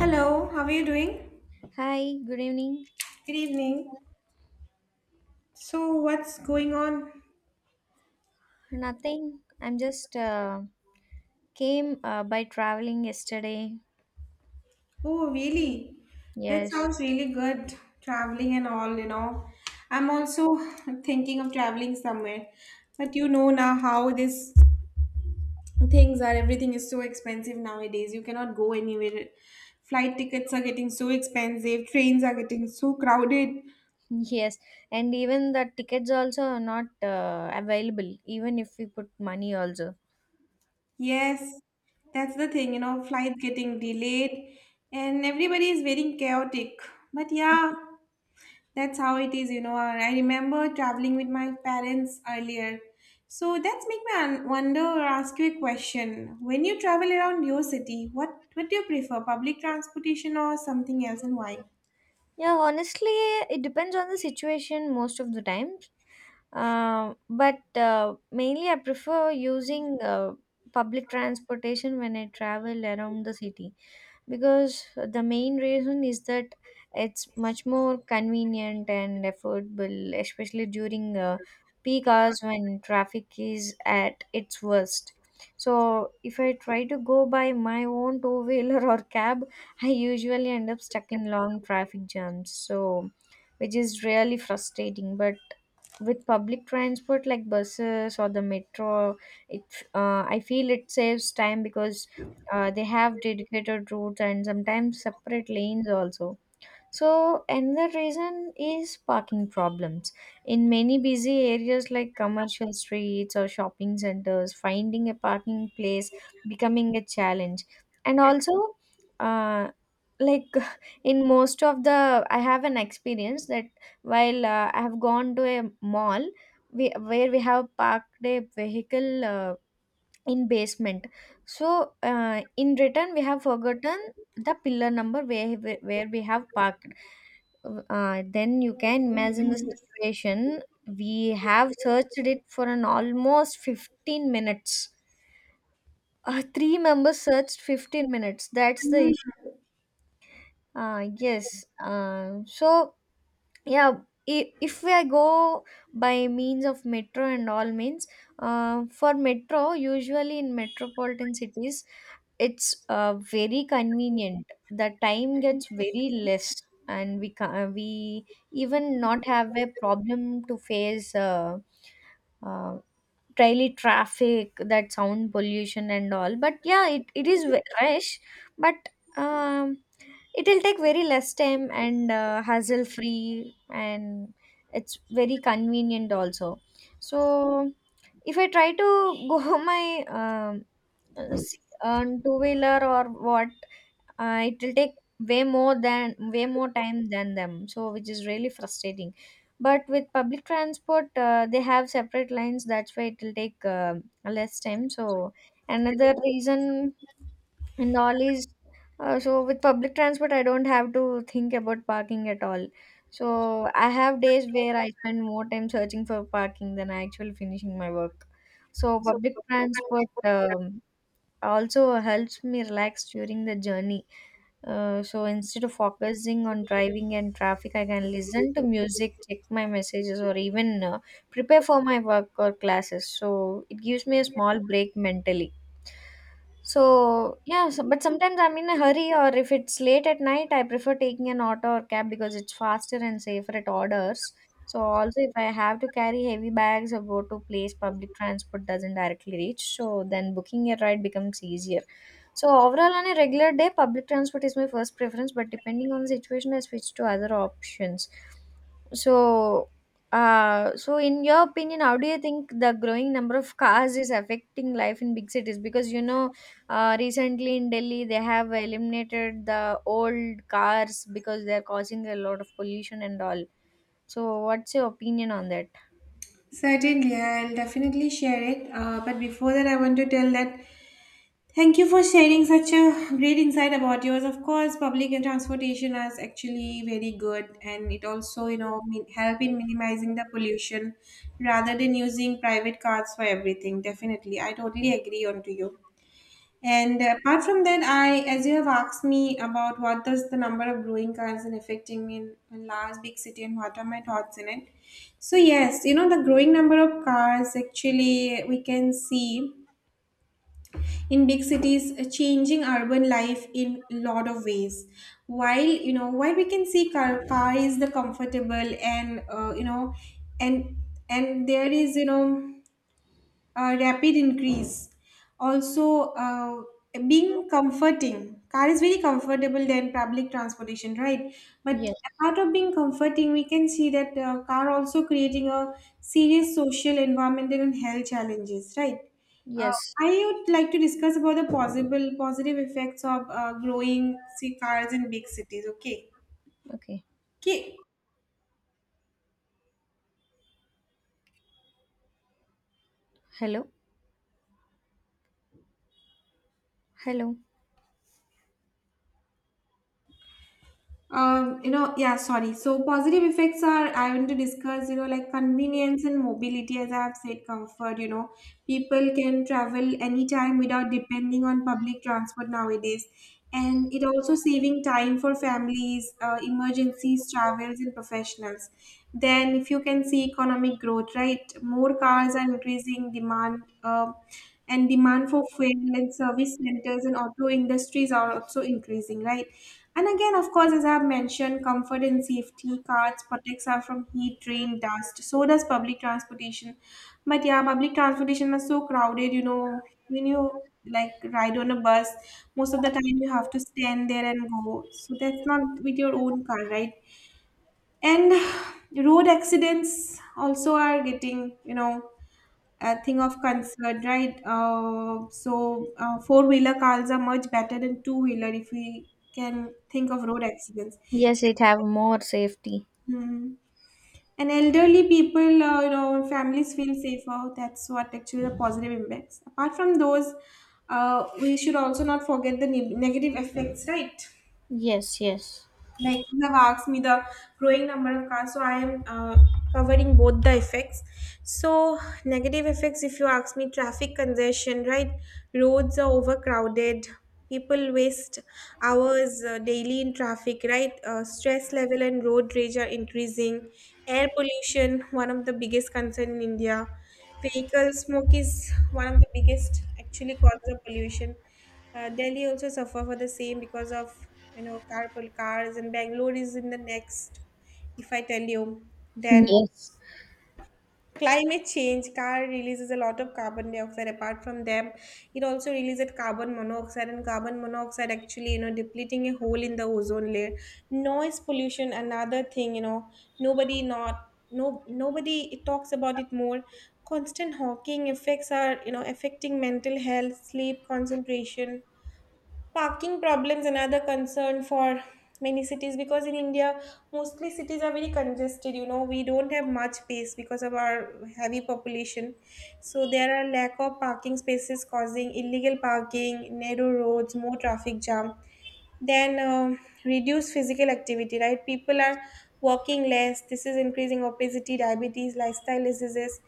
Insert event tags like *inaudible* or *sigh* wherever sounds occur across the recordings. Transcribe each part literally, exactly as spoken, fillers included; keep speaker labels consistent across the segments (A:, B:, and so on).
A: Hello, how are you doing?
B: Hi, good evening.
A: Good evening. So, what's going on?
B: Nothing. I'm just uh, came uh, by traveling yesterday.
A: Oh, really? That
B: Yes,
A: sounds really good. Traveling and all, you know. I'm also thinking of traveling somewhere. But you know now how these things are. Everything is so expensive nowadays. You cannot go anywhere. Flight tickets are getting so expensive. Trains are getting so crowded.
B: *laughs* yes. And even the tickets also are not uh, available, even if we put money also.
A: Yes, that's the thing, you know, flights getting delayed and everybody is very chaotic. But yeah. That's how it is, you know. And I remember traveling with my parents earlier. So that's make me un- wonder or ask you a question. When you travel around your city, what what do you prefer, public transportation or something else, and why?
B: Yeah, honestly, it depends on the situation most of the time. Uh, but uh, mainly, I prefer using uh, public transportation when I travel around the city. Because the main reason is that it's much more convenient and affordable, especially during uh, peak hours when traffic is at its worst. So, if I try to go by my own two wheeler *laughs* or cab, I usually end up stuck in long traffic jams, so which is really frustrating. But with public transport like buses or the metro, it uh, I feel it saves time because uh, they have dedicated routes and sometimes separate lanes also. So another reason is parking problems. In many busy areas like commercial streets or shopping centers, finding a parking place becoming a challenge. And also, uh, like *laughs* in most of the, I have an experience that while uh, I have gone to a mall, we, where we have parked a vehicle. Uh, in basement, so uh, in return we have forgotten the pillar number where where we have parked, uh, then you can imagine the situation, we have searched it for an almost fifteen minutes, uh, three members searched fifteen minutes, that's the issue, uh, yes, uh, so yeah, i- if we go by means of metro and all means, uh, for metro usually in metropolitan cities it's uh, very convenient, the time gets very less, and we ca- uh, we even not have a problem to face uh, uh, daily traffic, that sound pollution and all, but yeah it, it is ve- rush, but um, it will take very less time and uh, hassle free, and it's very convenient also. So if I try to *laughs* go my um uh, see, on two wheeler or what, uh, it will take way more than way more time than them. So which is really frustrating. But with public transport, uh, they have separate lines. That's why it will take uh, less time. So another reason and all is, uh, so with public transport, I don't have to think about parking at all. So I have days where I spend more time searching for parking than I actually finishing my work. So public transport um, also helps me relax during the journey, uh, so instead of focusing on driving and traffic, I can listen to music, check my messages, or even uh, prepare for my work or classes. So it gives me a small break mentally. So yeah, so, but sometimes I'm in a hurry, or if it's late at night, I prefer taking an auto or cab because it's faster and safer at orders. So also, if I have to carry heavy bags or go to place public transport doesn't directly reach, so then booking a ride becomes easier. So overall, on a regular day, public transport is my first preference. But depending on the situation, I switch to other options. So, uh, so in your opinion, how do you think the growing number of cars is affecting life in big cities? Because you know, uh, recently in Delhi, they have eliminated the old cars because they're causing a lot of pollution and all. So, what's your opinion on that?
A: Certainly, I'll definitely share it. Uh, but before that, I want to tell that thank you for sharing such a great insight about yours. Of course, public transportation is actually very good, and it also, you know, min- help in minimizing the pollution rather than using private cars for everything. Definitely, I totally agree on to you. And apart from that, I, as you have asked me about what does the number of growing cars and affecting me in, in large big city and what are my thoughts in it. So yes, you know, the growing number of cars actually we can see in big cities uh, changing urban life in lot of ways while you know while we can see car, car is the comfortable and uh, you know and and there is you know uh, rapid increase. Also, uh, being comforting. Car is very comfortable than public transportation, right? But
B: Yes.
A: apart of being comforting, we can see that uh, car also creating a serious social, environmental, and health challenges, right? Uh,
B: Yes.
A: I would like to discuss about the possible positive effects of uh, growing see cars in big cities. Okay.
B: Okay.
A: Okay.
B: Hello. Hello.
A: Um, you know, yeah, sorry. So positive effects are I want to discuss, you know, like convenience and mobility, as I have said, comfort, you know. People can travel anytime without depending on public transport nowadays. And it also saving time for families, uh, emergencies, travels, and professionals. Then if you can see economic growth, right? More cars are increasing demand. Uh, and demand for fuel and service centers and auto industries are also increasing, right? And again, of course, as I've mentioned, comfort and safety, cards protects us from heat, rain, dust, so does public transportation. But yeah, public transportation is so crowded, you know, when you like ride on a bus most of the time you have to stand there and go, so that's not with your own car, right? And *sighs* road accidents also are getting, you know, a thing of concern, right? Uh, so uh, four wheeler cars are much better than two wheeler if we can think of road accidents.
B: Yes, it have more safety.
A: Mm. And elderly people, uh, you know, families feel safer. That's what actually the positive impacts. Apart from those, uh, we should also not forget the ne- negative effects, right?
B: Yes, yes.
A: Like you have asked me the growing number of cars, so I am uh, covering both the effects. So negative effects, if you ask me, traffic congestion, right? Roads are overcrowded, people waste hours uh, daily in traffic, right? Uh, stress level and road rage are increasing. Air pollution, one of the biggest concern in India, vehicle smoke is one of the biggest actually cause of pollution. uh, Delhi also suffer for the same because of, you know, carpool cars, and Bangalore is in the next, if I tell you. Then
B: Yes.
A: climate change, car releases a lot of carbon dioxide. Apart from them, it also releases carbon monoxide, and carbon monoxide actually, you know, depleting a hole in the ozone layer. Noise pollution, another thing, you know, nobody not no nobody it talks about it more. Constant hawking effects are, you know, affecting mental health, sleep, concentration. Parking problems, another concern for many cities, because in India mostly cities are very congested. You know, we don't have much space because of our heavy population. So there are lack of parking spaces causing illegal parking, narrow roads, more traffic jam. Then um reduce physical activity, right? People are walking less. This is increasing obesity, diabetes, lifestyle diseases.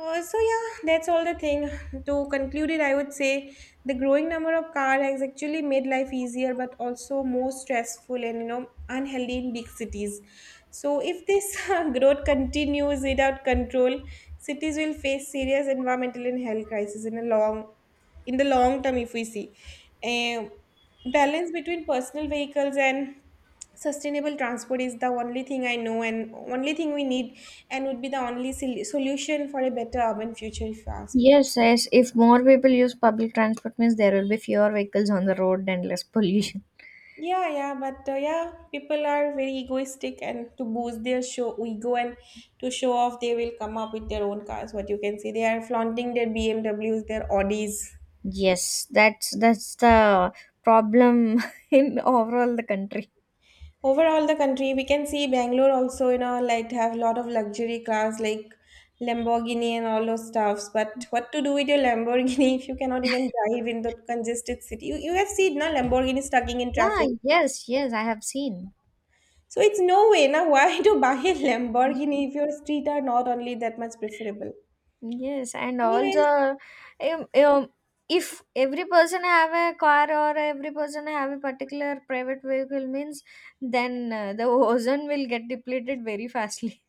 A: uh, So yeah, that's all the thing. To conclude it, I would say the growing number of car has actually made life easier, but also more stressful and you know unhealthy in big cities. So if this *laughs* uh, growth continues without control, cities will face serious environmental and health crisis in a long, in the long term. If we see, a balance between personal vehicles and sustainable transport is the only thing I know and only thing we need, and would be the only sol- solution for a better urban future, if you ask me.
B: Yes, yes. If more people use public transport means there will be fewer vehicles on the road and less pollution.
A: Yeah, yeah, but uh, yeah, people are very egoistic, and to boost their show ego and to show off they will come up with their own cars. What you can see, they are flaunting their BMWs, their Audis.
B: Yes, that's that's the problem *laughs* in overall the country.
A: Overall the country, we can see Bangalore also, you know, like have a lot of luxury cars like Lamborghini and all those stuffs. But what to do with your Lamborghini *laughs* if you cannot even drive in the congested city? You, you have seen now Lamborghini stucking in
B: Ah,
A: traffic.
B: yes, yes, I have seen.
A: So it's no way now *laughs* why to buy a Lamborghini if your street are not only that much preferable.
B: Yes, and
A: Anyways,
B: also, um, um, if every person have a car or every person have a particular private vehicle means, then uh, the *laughs* ozone will get depleted very fastly.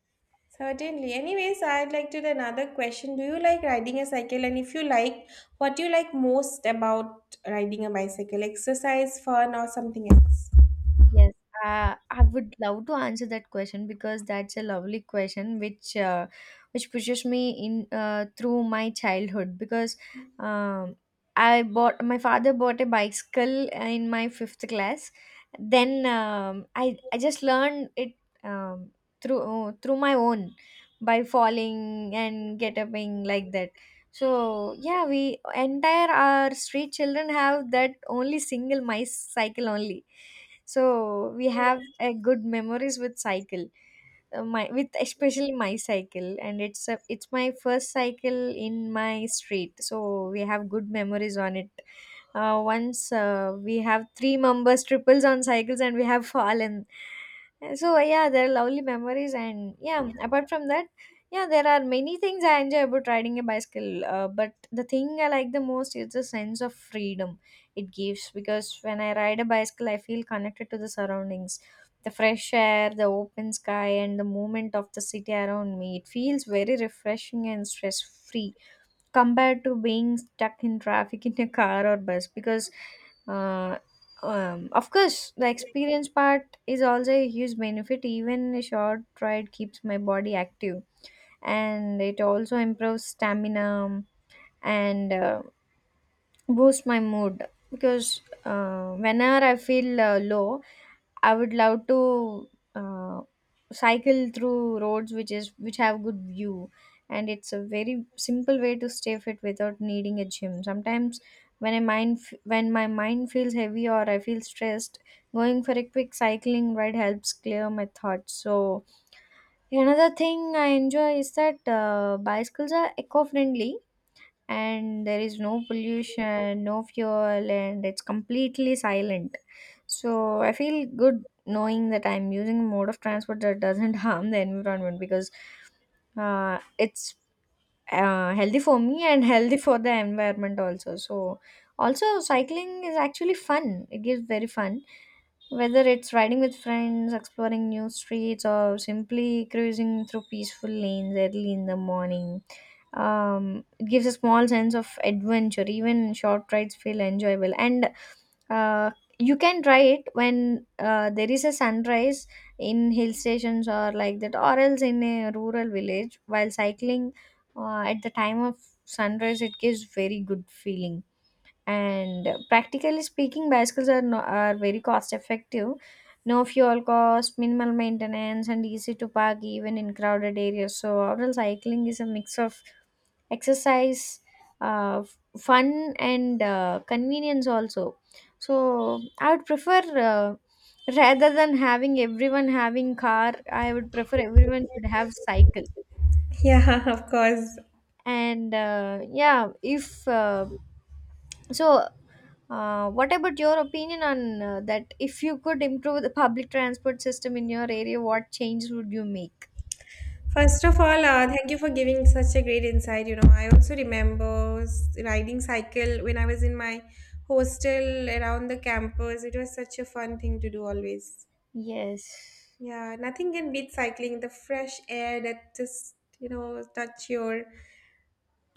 A: certainly, anyways, I'd like to do another question. Do you like riding a cycle, and if you like, what do you like most about riding a bicycle? Exercise, fun, or something else?
B: Yes, uh, I would love to answer that question because that's a lovely question which uh, which pushes me in uh, through my childhood, because um, I bought my father bought a bicycle in my fifth class. Then um, I I just learned it um, through uh, through my own by falling and get upping like that. So yeah, we entire our street children have that only single my cycle only, so we have a good memories with cycle, uh, my with especially my cycle, and it's a, it's my first cycle in my street, so we have good memories on it. Uh, once uh, we have three members triples on cycles and we have *laughs* fallen. Uh, so yeah, there are lovely memories, and yeah, apart from that, yeah, there are many things I enjoy about riding a bicycle, uh, but the thing I like the most is the sense of freedom it gives, because when I ride a bicycle I feel connected to the surroundings, the fresh air, the open sky, and the movement of the city around me. It feels very refreshing and stress free compared to being stuck in traffic in a car or bus because. Uh, um, of course, the experience part is also a huge benefit. Even a short ride keeps my body active, and it also improves stamina, um, and uh, boost my mood, because uh, whenever I feel uh, low, I would love to uh, cycle through roads which is which have good view, and it's a very simple way to stay fit without needing a gym. Sometimes when I mind f- when my mind feels heavy or I feel stressed, going for a quick cycling ride helps clear my thoughts. So another thing I enjoy is that uh, bicycles are eco-friendly, and there is no pollution, no fuel, and it's completely silent. So I feel good knowing that I'm using a mode of transport that doesn't *laughs* harm the environment, because uh, it's uh, healthy for me and healthy for the environment also. So also, cycling is actually fun, it gives very fun, whether it's riding with friends, exploring new streets, or simply cruising through peaceful lanes early in the morning. Um, it gives a small sense of adventure, even short rides feel enjoyable, and uh, you can try it when uh, there is a sunrise in hill stations or like that, or else in a rural village while cycling uh, at the time of sunrise, it gives very good feeling. And uh, practically speaking, bicycles are, no, are very cost effective, no fuel cost, minimal maintenance, and easy to park even in crowded areas. So outdoor cycling is a mix of exercise, uh, f- fun, and uh, convenience also. So I would prefer, uh, rather than having everyone having car, I would prefer everyone should have cycle.
A: Yeah, *laughs* of course.
B: And uh, yeah, if uh, so uh, what about your opinion on uh, that, if you could improve the public transport system in your area, what changes would you make?
A: First of all, uh, thank you for giving such a great insight. You know, I also remember s- riding cycle when I was in my hostel around the campus. It was such a fun thing to do always.
B: Yes.
A: Yeah, nothing can beat cycling. The fresh air that just, you know, touch your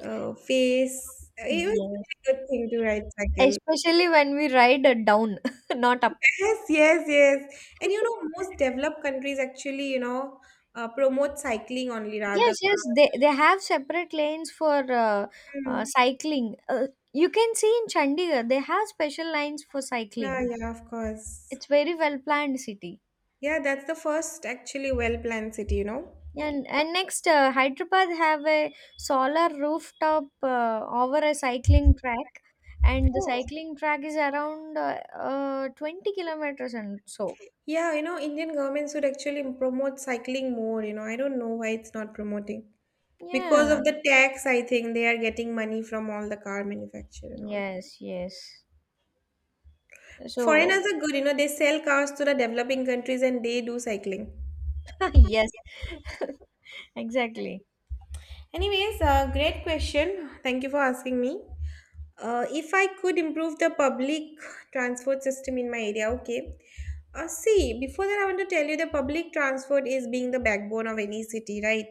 A: uh, face. It was a really
B: Yes,
A: good thing to ride cycle.
B: especially when we ride uh, down *laughs* not up.
A: Yes, yes, yes. And you know, most developed countries actually, you know, uh, promote cycling only rather.
B: Yes, yes, they, they have separate lanes for uh, uh, cycling. Uh, you can see in Chandigarh, they have special lines for
A: Yeah,
B: cycling.
A: yeah, of course.
B: It's very well planned city.
A: Yeah, that's the first actually well-planned city, you know.
B: And and next, uh, Hyderabad have a solar rooftop uh, over a cycling track, and the
A: Oh,
B: cycling track is around uh, uh, twenty kilometers and so.
A: yeah, you know, Indian government should actually promote cycling more, you know. I don't know why it's not promoting. Because
B: Yeah.
A: of the tax, I think they are getting money from all the car manufacturer and all.
B: Yes, yes. So,
A: Foreigners are good, you know, they sell cars to the developing countries and they do cycling.
B: *laughs* yes, *laughs* exactly.
A: Anyways, uh, great question. Thank you for asking me. Uh, if I could improve the public transport system in my area, okay. Uh, see, before that, I want to tell you the public transport is being the backbone of any city, right?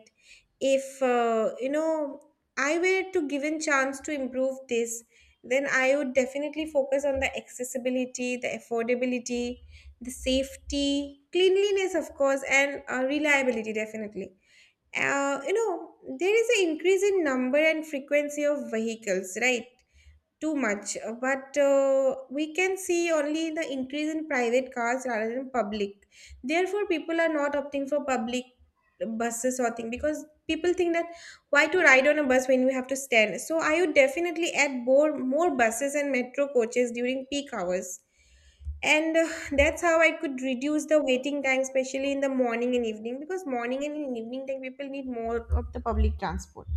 A: If, uh, you know, I were to given chance to improve this, then I would definitely focus on the accessibility, the affordability, the safety, cleanliness, of course, and uh, reliability, definitely. Uh, you know, there is an increase in number and frequency of vehicles, right? Too much. Uh, but uh, we can see only the increase in private cars rather than public, therefore people are not opting for public buses or thing because people think that why to ride on a bus when we have to stand. So I would definitely add more more buses and metro coaches during peak hours, and uh, that's how I could reduce the waiting time, especially in the morning and evening, because morning and in evening time people need more of the public transport.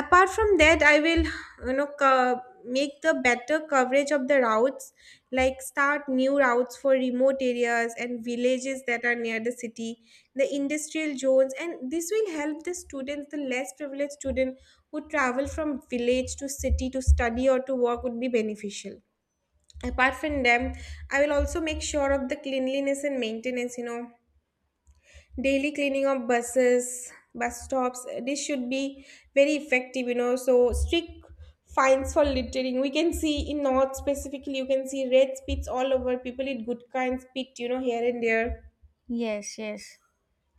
A: Apart from that, I will, you know, co- make the better coverage of the routes, like start new routes for remote areas and villages that are near the city, the industrial zones, and this will help the students, the less privileged student who travel from village to city to study or to work, would be beneficial. Apart from them, I will also make sure of the cleanliness and maintenance, you know, daily cleaning of buses, bus stops. This should be very effective, you know. So strict fines for littering, we can see in north specifically, you can see red spits all over, people eat good kinds spit, you know, here and there.
B: Yes, yes.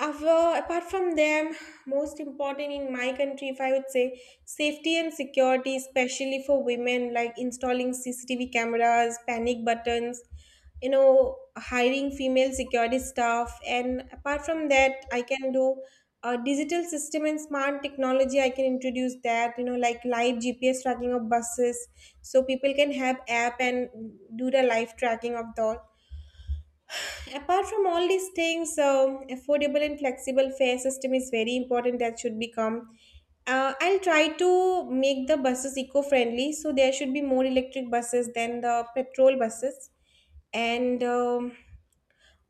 A: Av- uh, apart from them, most important in my country, if I would say, safety and security, especially for women, like installing C C T V cameras, panic buttons, you know, hiring female security staff. And apart from that, I can do a digital system and smart technology. I can introduce that, you know, like live G P S tracking of buses, so people can have app and do the live tracking of the. Apart from all these things, so affordable and flexible fare system is very important. That should become. Uh, I'll try to make the buses eco-friendly, so there should be more electric buses than the petrol buses, and um,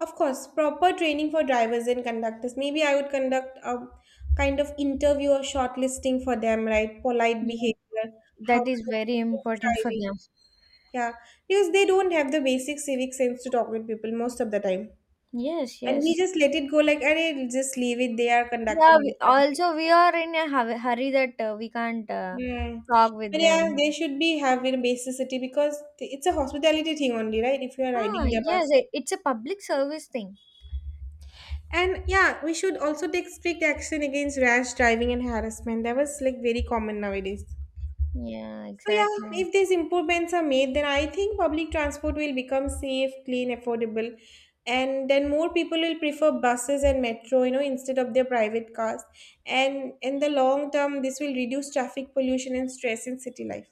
A: of course, proper training for drivers and conductors. Maybe I would conduct a kind of interview or shortlisting for them, right? Polite behavior, how
B: That
A: to
B: is
A: do
B: very
A: safe
B: important for
A: driving,
B: them.
A: yeah, because they don't have the basic civic sense to talk with people most of the time.
B: Yes,
A: And we
B: yes.
A: just let it go like, "Arey, just leave it. They are
B: Yeah,
A: conducting."
B: we, also we are in a hu- hurry that uh, we can't uh,
A: Hmm.
B: talk with
A: But yeah,
B: them.
A: they should be having basicity because it's a hospitality thing only, right? If you are
B: Ah,
A: riding their
B: yes,
A: bus.
B: it, it's a public service thing.
A: And yeah, we should also take strict action against rash driving and harassment. That was like very common nowadays.
B: Yeah,
A: So yeah,
B: exactly.
A: if these improvements are made, then I think public transport will become safe, clean, affordable, and then more people will prefer buses and metro, you know, instead of their private cars. And in the long term, this will reduce traffic pollution and stress in city life.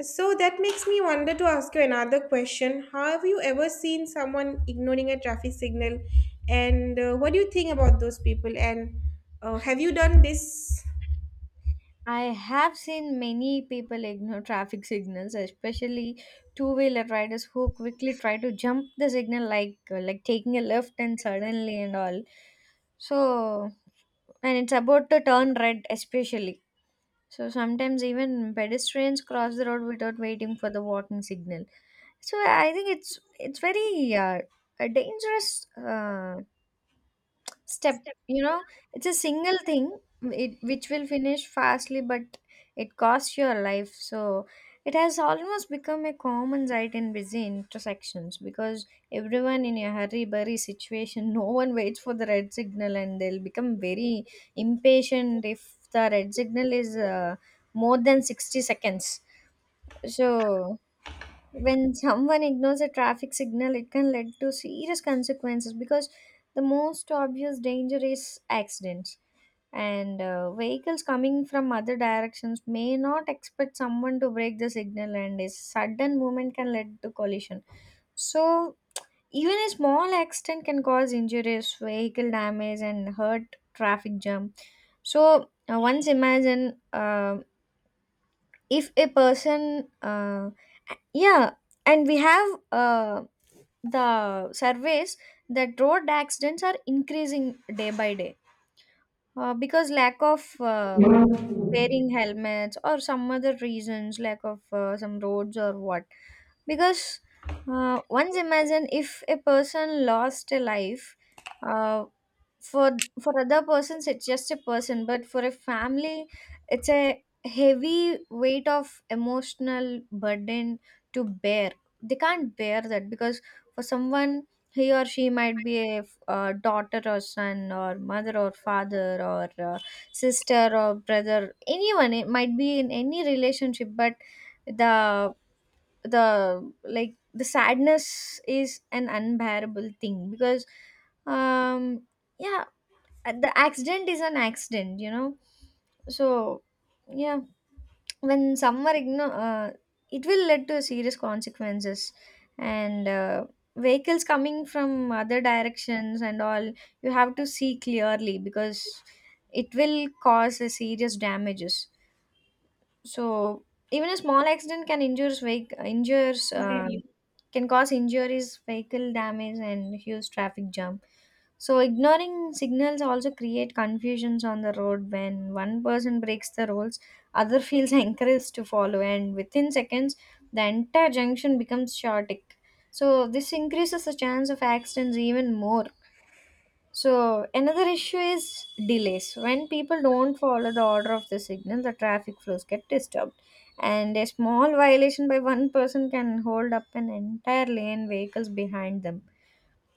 A: So that makes me wonder to ask you another question. Have you ever seen someone ignoring a traffic signal? And uh, what do you think about those people? And uh, have you done this?
B: I have seen many people ignore *laughs* traffic signals, especially two-wheeler riders who quickly try to jump the signal, like uh, like taking a left and suddenly and all. So, and it's about to turn red, especially. So sometimes even pedestrians cross the road without waiting for the walking signal. So I think it's it's very uh, a dangerous uh, step you know It's a single thing, it, which will finish fastly, but it costs your life. So it has almost become a common sight in busy intersections, because everyone in a hurry burry situation, *laughs* no one waits for the red signal, and they'll become very impatient if the red signal is uh, more than sixty seconds. So when someone ignores a traffic signal, it can lead to serious consequences, because the most obvious danger is accidents. And uh, vehicles coming from other directions may not expect someone to break the signal, and a sudden movement can lead to collision. So even a small accident can cause injuries, vehicle damage, and hurt traffic jam. So uh, once imagine, um if a person, uh, yeah, and we have uh, the surveys that road accidents are increasing day by day, uh, because lack of uh, wearing helmets or some other reasons, lack of uh, some roads or what. Because uh, once imagine, if a person lost a life, uh, for for other persons it's just a person, but for a family it's a heavy weight of emotional burden to bear. They can't bear that, because for someone, he or she might be a uh, daughter or son or mother or father or uh, sister or brother, anyone. It might be in any relationship. But the the like, the sadness is an unbearable thing, because um yeah, the accident is an accident you know So yeah, when some are igno- uh, it will lead to serious consequences. And uh, vehicles coming from other directions and all, you have to see clearly because it will cause a serious damages. So even a small accident can injures vehicle injures
A: What do
B: um,
A: you-
B: can cause injuries, vehicle damage, and huge traffic jam. So ignoring signals also create confusions on the road. When one person breaks the rules, other feels *laughs* encouraged to follow, and within seconds, the entire junction becomes chaotic. So this increases the chance of accidents even more. So another issue is delays. When people don't follow the order of the signal, the traffic flows get disturbed, and a small violation by one person can hold up an entire lane vehicles behind them,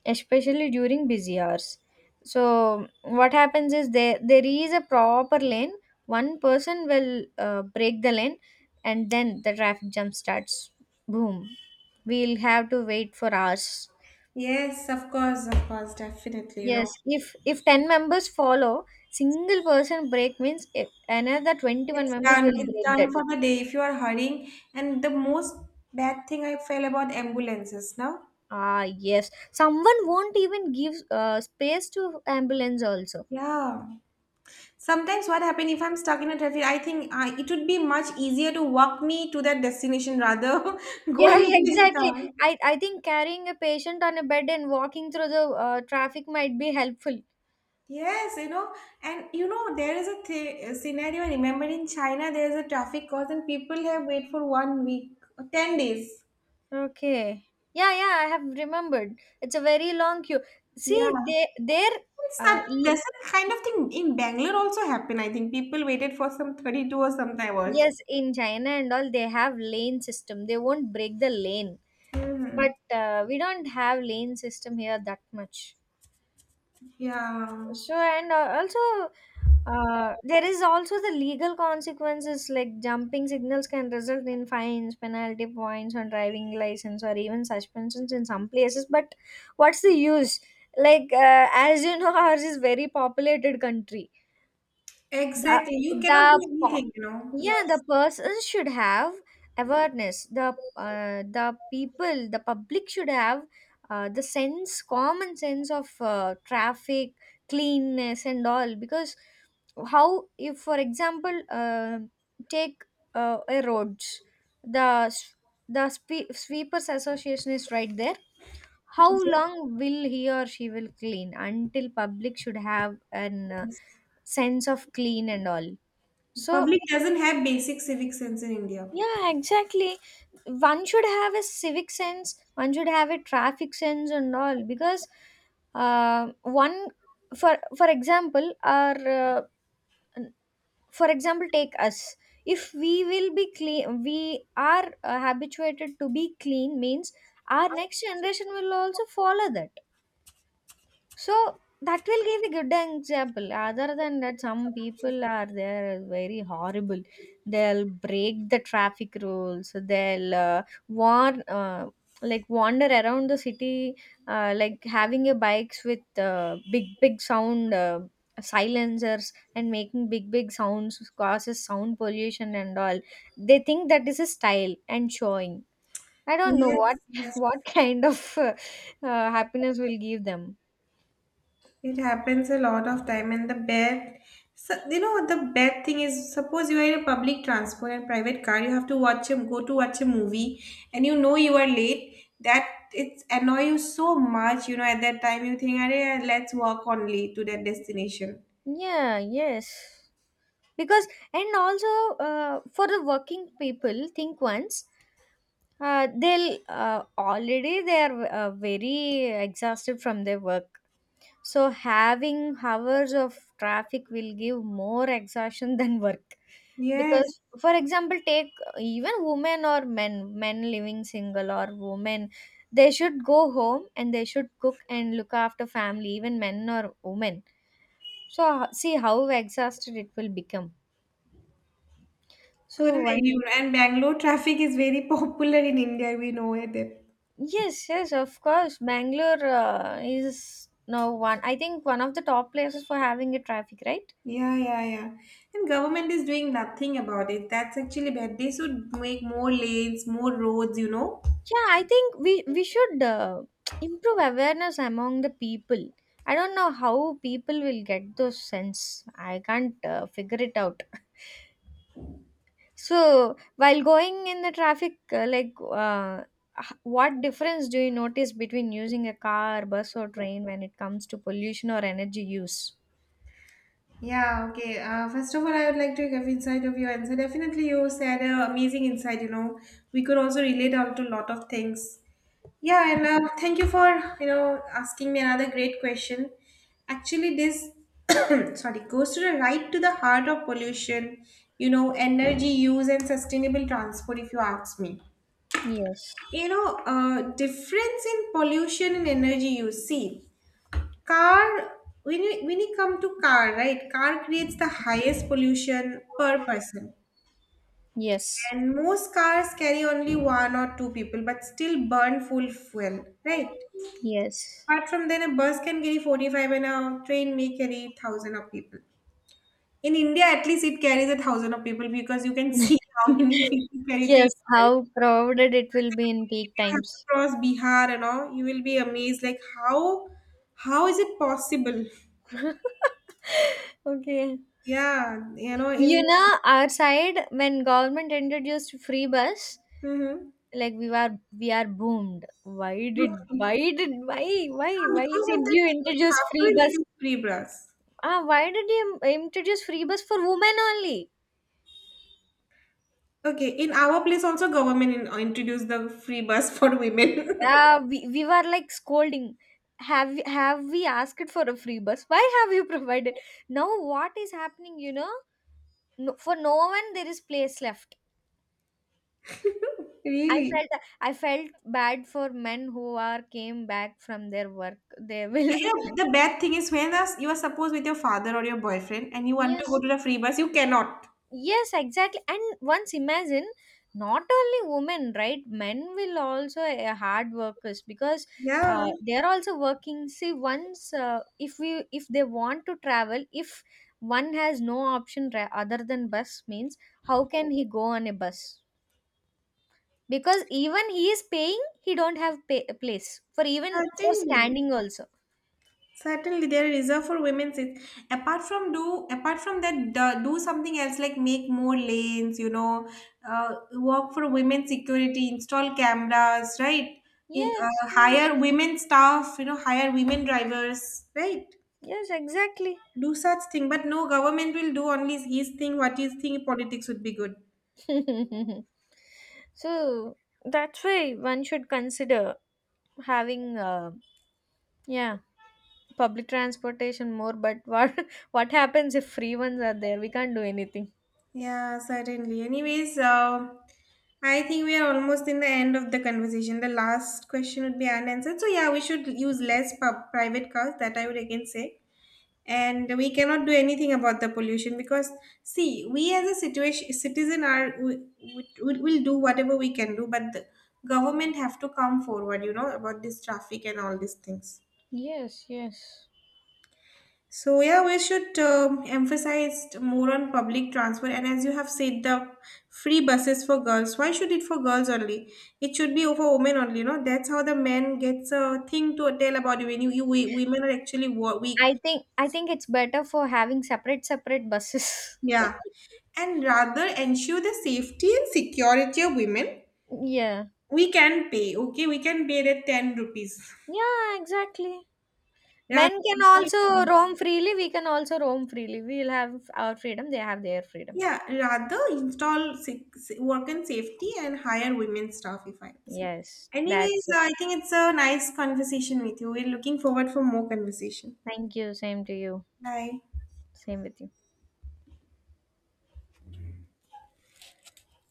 B: especially during busy hours. So what happens is, there there is a proper lane. One person will uh, break the lane, and then the traffic jam starts. Boom. We'll have to wait for hours.
A: Yes, of course, of course, definitely, you know.
B: Yes, if if ten members follow, single person break means, if another twenty-one
A: It's
B: members
A: done.
B: will
A: It's
B: break that.
A: done for the day if you are hurrying. And the most bad thing I feel about ambulances now.
B: Ah, yes. Someone won't even give uh, space to ambulance also.
A: Yeah. Sometimes what happen if I'm stuck in a traffic, I think I, it would be much easier to walk me to that destination rather *laughs*
B: Yeah, *laughs*
A: going in this
B: exactly.
A: car.
B: I, I think carrying a patient on a bed and walking through the uh, traffic might be helpful.
A: Yes, you know, and you know, there is a th- a scenario. I remember in China, there is a traffic cause, and people have wait for one week, ten days.
B: Okay. Yeah, yeah, I have remembered. It's a very long queue.
A: Yeah.
B: See, they their
A: It's
B: uh,
A: that
B: e-
A: there's that kind of thing in Bangalore also happened. I think people waited for some thirty-two or some hours.
B: yes, in China and all they have lane system. They won't break the lane.
A: Hmm.
B: But uh, we don't have lane system here that much.
A: Yeah,
B: So, and uh, also, uh, there is also the legal consequences, like jumping signals can result in fines, penalty points on driving license, or even suspensions in some places. But what's the use? Like, uh, as you know, *laughs* ours is very populated country. the
A: exactly. You
B: the
A: cannot do
B: po-
A: anything, you know.
B: yeah
A: Yes.
B: the person should have awareness. The uh, the people, the public should have uh, the sense common sense of uh, traffic cleanness and all, because how, if for example uh, take uh, a roads, the s- the spe- sweepers association is right there. How
A: Okay.
B: long will he or she will clean, until public should have an uh,
A: Yes.
B: sense of clean and all? So
A: Public doesn't have basic civic sense in India.
B: yeah, exactly. One should have a civic sense, one should have a traffic sense and all, because uh, one for for example our uh, for example take us. If we will be clean, we are uh, habituated to be clean means, our next generation will also follow that. So that will give a good example. Other than that, some people are there very horrible. They'll break the traffic rules. They'll uh, warn, uh, like wander around the city, uh, like having a bikes with uh, big big sound uh, silencers and making big big sounds, causes sound pollution and all. They think that is a style and showing. I don't know what
A: Yes,
B: *laughs*
A: yes.
B: what kind of uh, uh, happiness will give them.
A: It happens a lot of time, and the bad, so, you know, the bad thing is, suppose you are in a public transport and private car, you have to watch a go to watch a movie, and you know you are late. That it's annoy you so much, you know. At that time, you think, "Arey, let's walk only to that destination."
B: Yeah, yes. Because, and also uh, for the working people, think once. Uh, they'll uh, already they are uh, very exhausted from their work. So having hours of traffic will give more exhaustion *laughs* than work.
A: Yes,
B: Because, for example, take uh, even women or men, men, living single or women, they should go home and they should cook and look after family, even men or women. So ho- see how exhausted it will become. So
A: correct.
B: one
A: you know, And Bangalore *laughs* traffic is very *laughs* popular in India. We know it.
B: yes, yes, of course, bangalore uh, is now one, I think, one of the top places for having a traffic, right?
A: Yeah, yeah, yeah. And government is doing nothing about it. That's actually bad. They should make more lanes, more roads, you know.
B: Yeah, I think we we should uh, *tsk* improve awareness among the people. I don't know how people will get those sense. I can't uh, figure it out. So, while going in the traffic, uh, like, uh, h- what difference do you notice between using a car, bus, or train when it comes to pollution or energy use?
A: Yeah, okay. Uh, first of all, I would like to give insight of your answer. Definitely, you said uh, amazing insight. You know, we could also relate out to a lot of things. Yeah, and uh, thank you for you know asking me another great question. Actually, this *coughs* *clears throat* sorry goes to the right to the heart of pollution. You know, energy use and sustainable transport. If you ask me,
B: Yes.
A: you know, uh, difference in pollution and energy use. See, car, when you, when you come to car, right, car creates the highest pollution per person.
B: Yes.
A: And most cars carry only one or two people, but still burn full fuel, right?
B: Yes.
A: Apart from then, a bus can carry forty-five and a train may carry thousand of people. In India, at least it carries a thousand of people because you can see *laughs* how
B: *laughs*
A: many people carry train.
B: Yes,
A: Carries.
B: how crowded it will be in
A: If
B: peak
A: you have to
B: times.
A: cross Bihar and all, you will be amazed like how how is it possible?
B: *laughs* Okay.
A: Yeah, you know,
B: You
A: in.
B: know, our side, when government introduced free bus,
A: Mhm.
B: like we were we are boomed. Why did, why
A: Okay.
B: did why why
A: Yeah,
B: why
A: because of
B: did
A: that
B: you
A: theory, you
B: introduce
A: have
B: free
A: to
B: bus?
A: introduce free bus.
B: Ah, why did you introduce free bus for women only?
A: Okay, in our place also government in, uh, introduced the free bus for women. *laughs*
B: Ah, we, we were like scolding, have have we asked for a free bus? Why have you *laughs* provided? Now what is happening you know No, for no one there is place left. i
A: Really?
B: felt i felt bad for men who are came back from their work. They
A: Yeah,
B: will
A: you know, the bad thing is when us- you are supposed with your father or your boyfriend and you
B: *laughs*
A: want to go
B: yes.
A: to the free bus, you cannot.
B: Yes, exactly. And once imagine, not only women, right? Men will also uh, hard workers, because
A: Yeah,
B: uh, they are also working. See, once uh, if we if they want to travel, if one has no option ra- other than bus, means how can he go on a bus? Because even he is paying, he don't have pay- place for even for
A: certainly.
B: standing also.
A: Certainly, there is reserved for women. It's, apart from do, apart from that, do, do something else like make more lanes. You know, uh, work for women security, install cameras, right? In,
B: Yes,
A: uh,
B: yes,
A: hire women staff. You know, hire women drivers, right?
B: yes, exactly.
A: Do such thing, but no government will do only his thing. What his thing politics would be good.
B: *laughs* So that's why one should consider having uh, yeah, public transportation more. But what *laughs* what happens, if free ones are there we can't do anything.
A: Yeah, certainly. Anyways, uh, I think we are almost in the end of the conversation. The last question would be unanswered. So yeah, we should use less pub- private cars. That I would again say. And we cannot do anything about the pollution because, see, we as a situation citizen are we we will do whatever we can do, but the government have to come forward, you know, about this traffic and all these things.
B: Yes, yes.
A: So yeah, we should um emphasize more on public transport. And as you have said, the free buses for girls. Why should it for girls only? It should be for women only. You know, that's how the men gets a thing to tell about you when you, you we- women are actually wo- weak.
B: I think i think it's better for having separate separate buses.
A: Yeah, and rather ensure the safety and security of women.
B: *laughs* Yeah,
A: We can pay. Okay, we can pay the ten rupees.
B: yeah, exactly.
A: Yeah.
B: Men can also roam freely, we can also roam freely. We'll have our freedom, they have their freedom.
A: Yeah, rather install se- se- work and safety and hire women staff if I say.
B: Yes,
A: Anyways,
B: that's it.
A: I think it's a nice conversation with you. We're looking forward for more conversation.
B: Thank you, same to you.
A: Bye.
B: Same with you.